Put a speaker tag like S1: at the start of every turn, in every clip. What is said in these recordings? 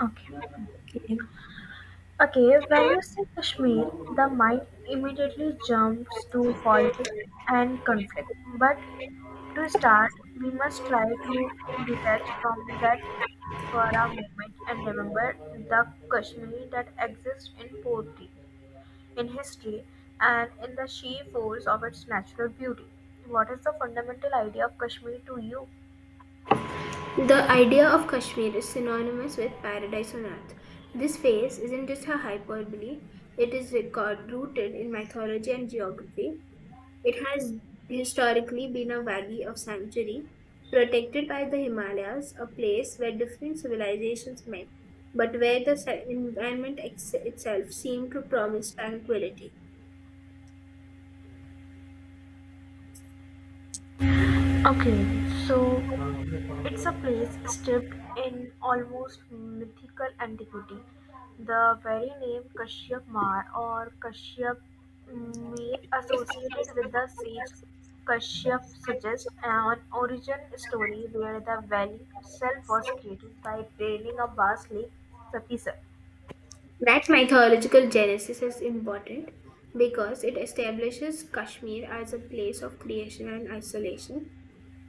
S1: Okay.
S2: Okay.
S1: Okay, when you say Kashmir, the mind immediately jumps to politics and conflict. But to start, we must try to detach from that for a moment and remember the Kashmir that exists in poetry, in history, and in the sheer force of its natural beauty. What is the fundamental idea of Kashmir to you?
S2: The idea of Kashmir is synonymous with paradise on earth. This phase isn't just a hyperbole, it is rooted in mythology and geography. It has historically been a valley of sanctuary, protected by the Himalayas, a place where different civilizations met, but where the itself seemed to promise tranquility.
S1: Okay, so it's a place steeped in almost mythical antiquity. The very name Kashyap Mar or Kashyap Mir associated with the sage Kashyap suggests an origin story where the valley itself was created by draining a vast lake, Sapisar.
S2: That mythological genesis is important because it establishes Kashmir as a place of creation and isolation.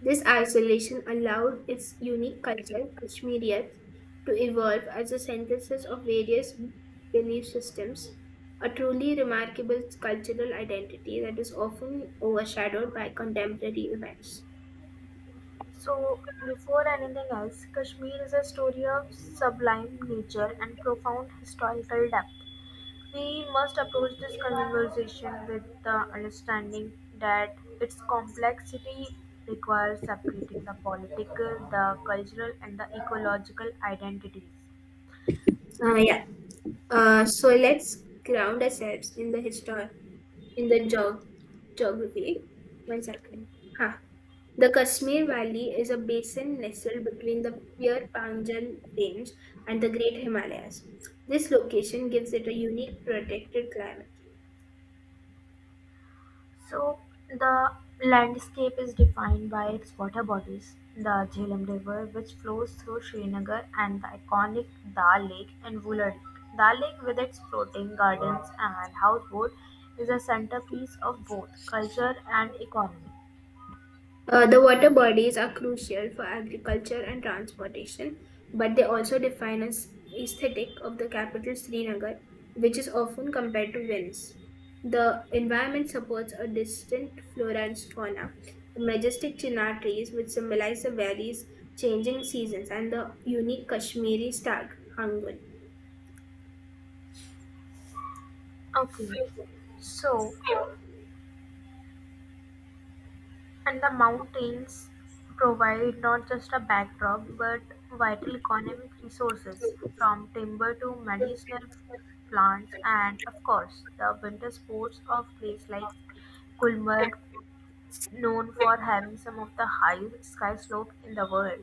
S2: This isolation allowed its unique culture, Kashmiriyat, to evolve as a synthesis of various belief systems, a truly remarkable cultural identity that is often overshadowed by contemporary events.
S1: So, before anything else, Kashmir is a story of sublime nature and profound historical depth. We must approach this conversation with the understanding that its complexity requires separating the political, the cultural, and the ecological identities.
S2: Uh, yeah. So let's ground ourselves in the history, in the geography. One second. Huh. The Kashmir Valley is a basin nestled between the Pir Panjal Range and the Great Himalayas. This location gives it a unique protected climate.
S1: So, the landscape is defined by its water bodies. The Jhelum River, which flows through Srinagar, and the iconic Dal Lake and Wular Lake. Dal Lake, with its floating gardens and houseboat, is a centerpiece of both culture and economy.
S2: The water bodies are crucial for agriculture and transportation, but they also define an aesthetic of the capital Srinagar, which is often compared to Venice. The environment supports a distinct flora and fauna, the majestic chinar trees, which symbolize the valley's changing seasons, and the unique Kashmiri stag, Hangun.
S1: Okay, so, and the mountains provide not just a backdrop but vital economic resources from timber to medicinal plants and of course the winter sports of place like Gulmarg, known for having some of the highest ski slope in the world.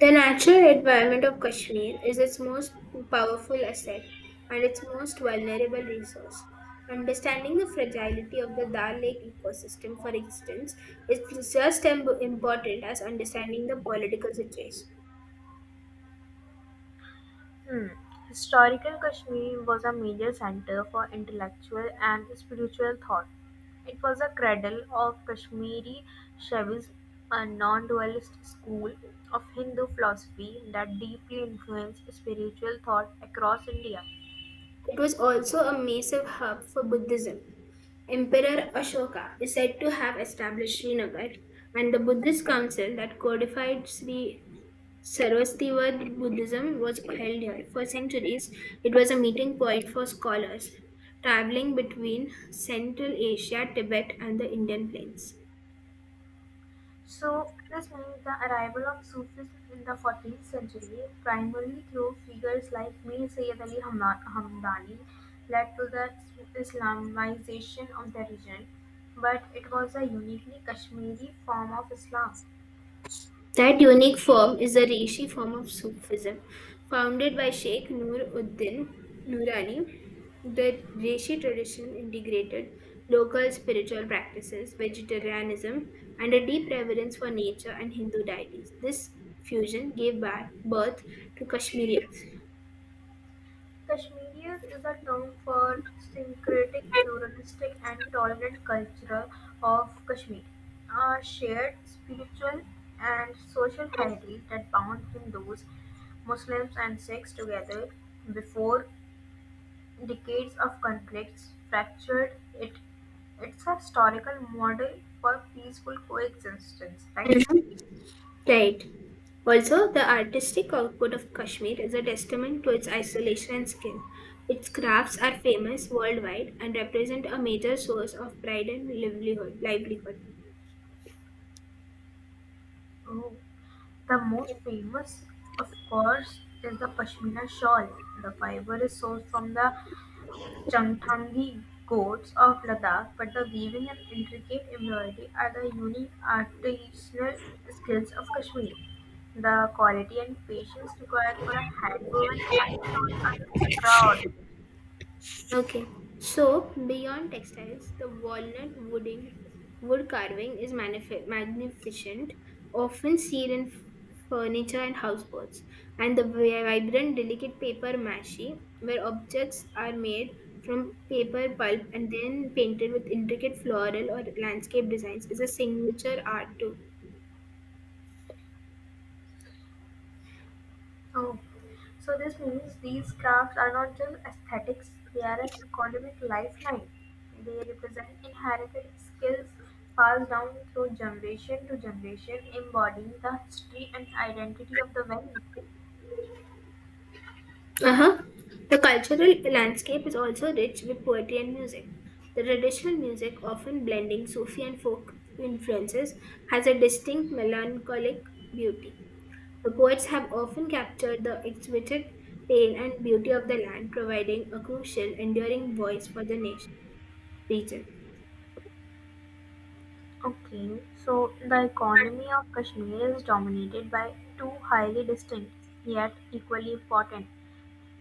S2: The natural environment of Kashmir is its most powerful asset and its most vulnerable resource. Understanding the fragility of the Dal Lake ecosystem, for instance, is just as important as understanding the political situation.
S1: Hmm. Historical Kashmir was a major center for intellectual and spiritual thought. It was a cradle of Kashmiri Shaivism, a non dualist school of Hindu philosophy that deeply influenced spiritual thought across India.
S2: It was also a massive hub for Buddhism. Emperor Ashoka is said to have established Srinagar and the Buddhist council that codified Sri Sarvastivada Buddhism was held here. For centuries, it was a meeting point for scholars traveling between Central Asia, Tibet, and the Indian plains.
S1: So, this means the arrival of Sufism in the 14th century, primarily through figures like Mir Hamdani, led to the Islamization of the region, but it was a uniquely Kashmiri form of Islam.
S2: That unique form is the Rishi form of Sufism. Founded by Sheikh Nur Uddin Nurani, the Rishi tradition integrated local spiritual practices, vegetarianism, and a deep reverence for nature and Hindu deities. This fusion gave birth to Kashmiri.
S1: Kashmiriyat is a term for syncretic, pluralistic and tolerant culture of Kashmir, a shared spiritual and social heritage that bound Hindus, Muslims and Sikhs together before decades of conflicts fractured it. It's a historical model for peaceful coexistence, right?
S2: Right. Also, the artistic output of Kashmir is a testament to its isolation and skill. Its crafts are famous worldwide and represent a major source of pride and livelihood.
S1: The most famous, of course, is the pashmina shawl. The fiber is sourced from the Changthangi goats of Ladakh, but the weaving and intricate embroidery are the unique artisanal skills of Kashmir. The quality and patience required for a hand woven Kani shawl are extraordinary.
S2: Okay. So beyond textiles, the walnut wooding wood carving is magnificent, often seen in furniture and houseboats. And the vibrant, delicate paper mache, where objects are made from paper pulp and then painted with intricate floral or landscape designs, is a signature art too.
S1: Oh, so this means these crafts are not just aesthetics, they are an economic lifeline. They represent inherited skills passed down through generation to generation, embodying the history and identity of the valley.
S2: Uh-huh. The cultural landscape is also rich with poetry and music. The traditional music, often blending Sufi and folk influences, has a distinct melancholic beauty. The poets have often captured the exquisite pain and beauty of the land, providing a crucial, enduring voice for the nation region.
S1: Okay, so the economy of Kashmir is dominated by two highly distinct yet equally important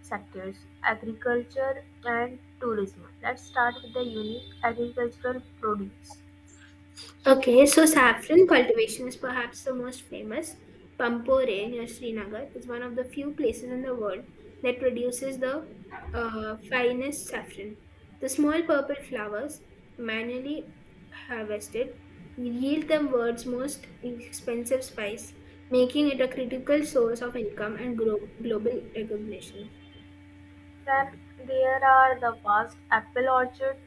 S1: sectors: agriculture and tourism. Let's start with the unique agricultural produce.
S2: Okay, so saffron cultivation is perhaps the most famous. Pampore near Srinagar is one of the few places in the world that produces the finest saffron. The small purple flowers, manually harvested, yield the world's most expensive spice, making it a critical source of income and global recognition.
S1: Then there are the vast apple orchards.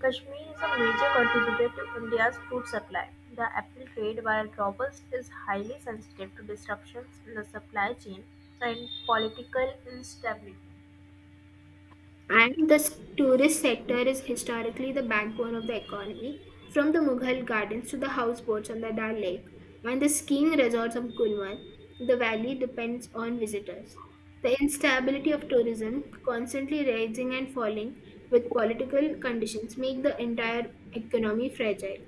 S1: Kashmir is a major contributor to India's food supply. The apple trade, while robust, is highly sensitive to disruptions in the supply chain and political instability.
S2: And the tourist sector is historically the backbone of the economy, from the Mughal gardens to the houseboats on the Dal Lake and the skiing resorts of Gulmarg. The valley depends on visitors. The instability of tourism, constantly rising and falling with political conditions, make the entire economy fragile.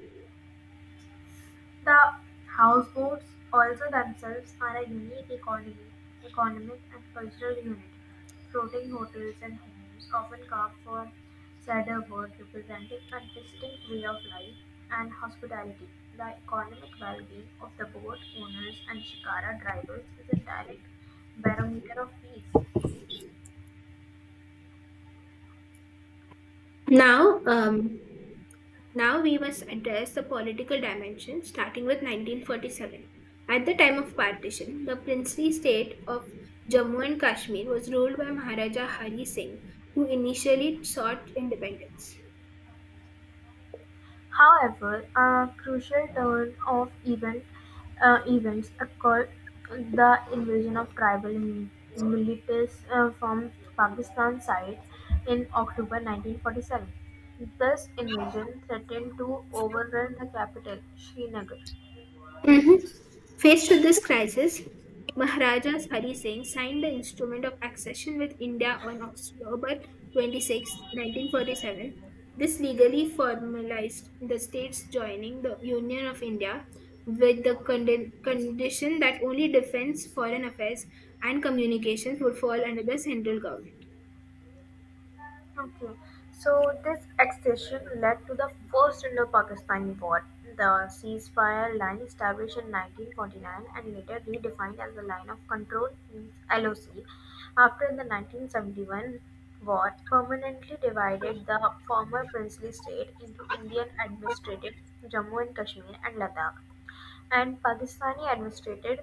S1: The houseboats also themselves are a unique economic and cultural unit. Floating hotels and homes, often carved from cedar wood, representing a distinct way of life and hospitality. The economic well-being of the boat owners and shikara drivers is a direct barometer of peace.
S2: Now, um, Now we must address the political dimension starting with 1947. At the time of partition, the princely state of Jammu and Kashmir was ruled by Maharaja Hari Singh, who initially sought independence.
S1: However, a crucial turn of events occurred: the invasion of militias from Pakistan side in October 1947. This invasion threatened to overrun the capital, Srinagar.
S2: Mhm. Faced with this crisis, Maharaja Hari Singh signed the Instrument of Accession with India on October 26, 1947. This legally formalized the states joining the Union of India with the condition that only defense, foreign affairs, and communications would fall under the central government.
S1: Okay, so this accession led to the first Indo-Pakistani War. The ceasefire line established in 1949 and later redefined as the Line of Control, LOC, after the 1971 war permanently divided the former princely state into Indian administrative Jammu and Kashmir and Ladakh, and Pakistani administrated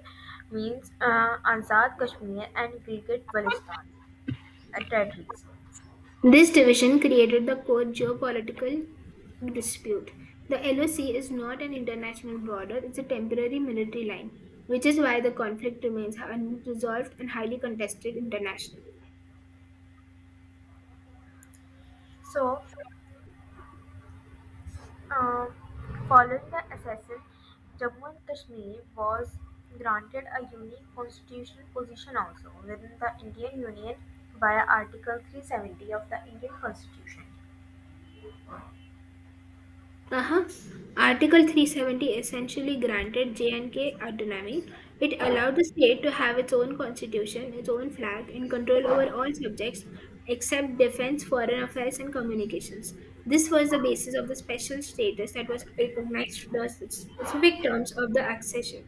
S1: means Azad Kashmir and Gilgit Baltistan territories.
S2: This division created the core geopolitical dispute. The LOC is not an international border, it's a temporary military line, which is why the conflict remains unresolved and highly contested internationally.
S1: So Uh, Following the accession, Jammu and Kashmir was granted a unique constitutional position also within the Indian Union via Article 370 of the Indian Constitution.
S2: Uh-huh. Article 370 essentially granted J&K autonomy. It allowed the state to have its own constitution, its own flag, and control over all subjects except defense, foreign affairs, and communications. This was the basis of the special status that was recognized to the specific terms of the accession.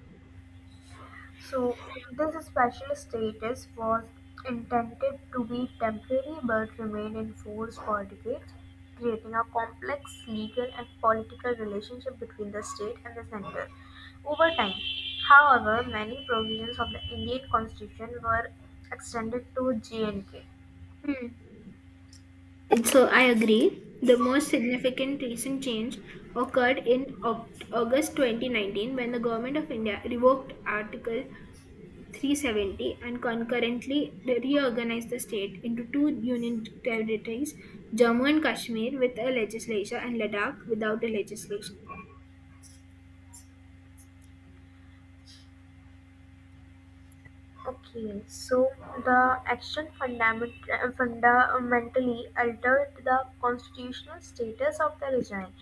S1: So, this special status was intended to be temporary but remained in force for decades, creating a complex legal and political relationship between the state and the center. Over time, however, many provisions of the Indian constitution were extended to J and K.
S2: Hmm. So I agree. The most significant recent change occurred in August 2019 when the government of India revoked Article 370 and concurrently reorganized the state into two union territories, Jammu and Kashmir with a legislature and Ladakh without a legislature.
S1: Okay, so the fundamentally altered the constitutional status of the region,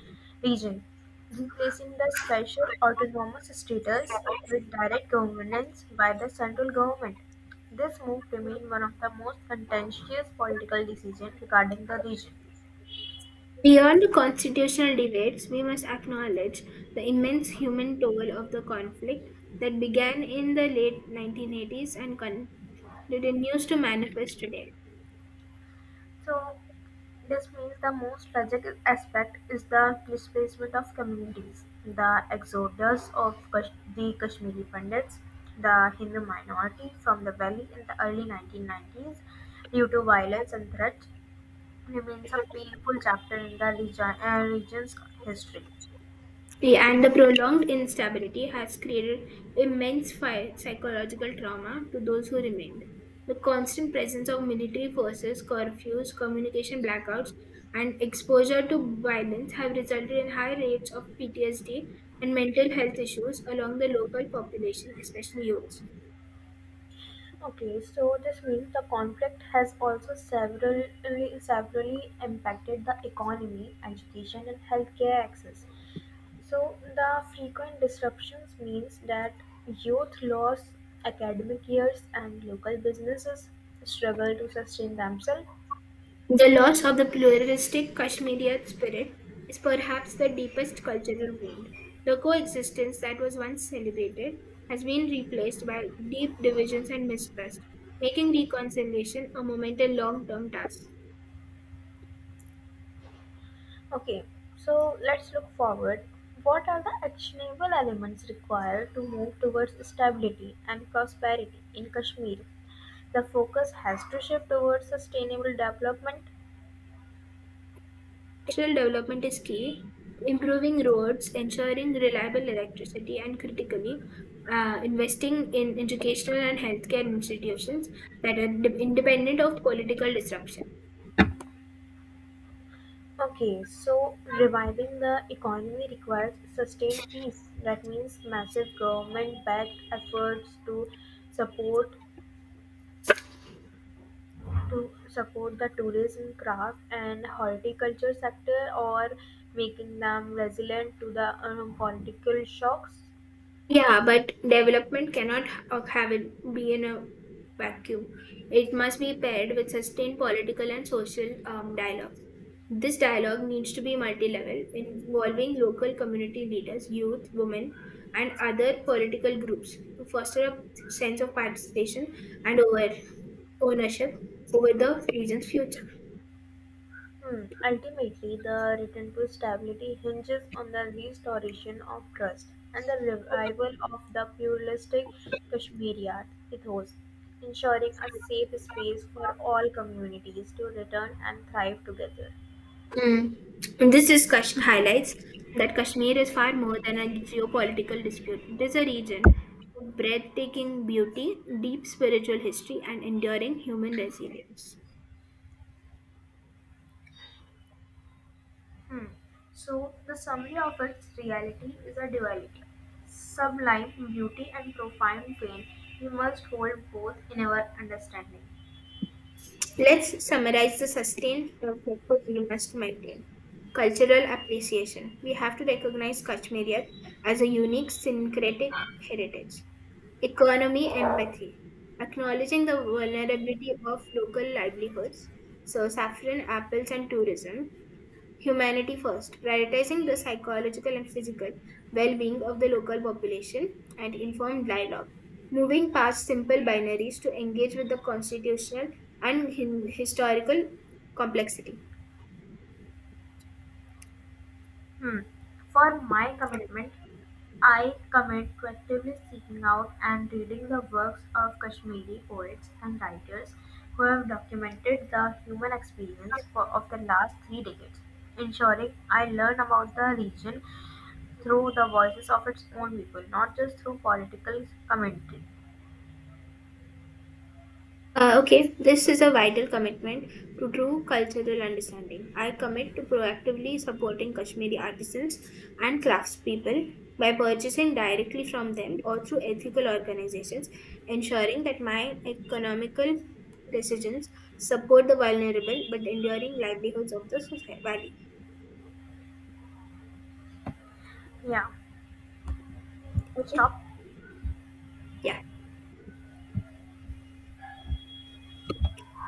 S1: region, replacing the special autonomous status with direct governance by the central government. This move remained one of the most contentious political decisions regarding the region.
S2: Beyond the constitutional debates, we must acknowledge the immense human toll of the conflict that began in the late 1980s and continues to manifest today.
S1: So this means the most tragic aspect is the displacement of communities, the exodus of the Kashmiri Pandits, the Hindu minority from the valley in the early 1990s due to violence and threats, remains a painful chapter in the region's history.
S2: See, and the prolonged instability has created immense psychological trauma to those who remained. The constant presence of military forces, curfews, communication blackouts, and exposure to violence have resulted in high rates of PTSD and mental health issues along the local population, especially youth.
S1: Okay, so this means the conflict has also severely impacted the economy, education, and healthcare access. So the frequent disruptions means that youth lose academic years and local businesses struggle to sustain themselves.
S2: The loss of the pluralistic Kashmiri spirit is perhaps the deepest cultural wound. The coexistence that was once celebrated has been replaced by deep divisions and mistrust, making reconciliation a monumental long term task.
S1: Okay, so let's look forward. What are the actionable elements required to move towards stability and prosperity in Kashmir? The focus has to shift towards sustainable development.
S2: Cultural development is key, improving roads, ensuring reliable electricity, and critically, investing in educational and healthcare institutions that are independent of political disruption.
S1: Okay, so reviving the economy requires sustained peace. That means massive government-backed efforts to support support the tourism, craft, and horticulture sector, or making them resilient to the political shocks.
S2: Yeah, but development cannot have it be in a vacuum. It must be paired with sustained political and social dialogue. This dialogue needs to be multi-level, involving local community leaders, youth, women, and other political groups to foster a sense of participation and over ownership over the region's future.
S1: Hmm. Ultimately, the return to stability hinges on the restoration of trust and the revival of the pluralistic Kashmiri art ethos, ensuring a safe space for all communities to return and thrive together.
S2: Mm. And highlights that Kashmir is far more than a geopolitical dispute. It is a region of breathtaking beauty, deep spiritual history, and enduring human resilience.
S1: Hmm. So, the summary of its reality is a duality: sublime beauty and profound pain we must hold both in our understanding.
S2: Let's summarize the sustained purpose we must maintain. Cultural appreciation. We have to recognize Kashmiriyat as a unique syncretic heritage. Economy empathy. Acknowledging the vulnerability of local livelihoods, so saffron, apples, and tourism, humanity first, prioritizing the psychological and physical well being of the local population, and informed dialogue. Moving past simple binaries to engage with the constitutional and historical complexity.
S1: Hmm. For my commitment, I commit to actively seeking out and reading the works of Kashmiri poets and writers who have documented the human experience of the last three decades, ensuring I learn about the region through the voices of its own people, not just through political commentary.
S2: Okay, this is a vital commitment to true cultural understanding. I commit to proactively supporting Kashmiri artisans and craftspeople by purchasing directly from them or through ethical organizations, ensuring that my economical decisions support the vulnerable but enduring livelihoods of the society. Valley.
S1: Yeah,
S2: Okay,
S1: stop.
S2: yeah.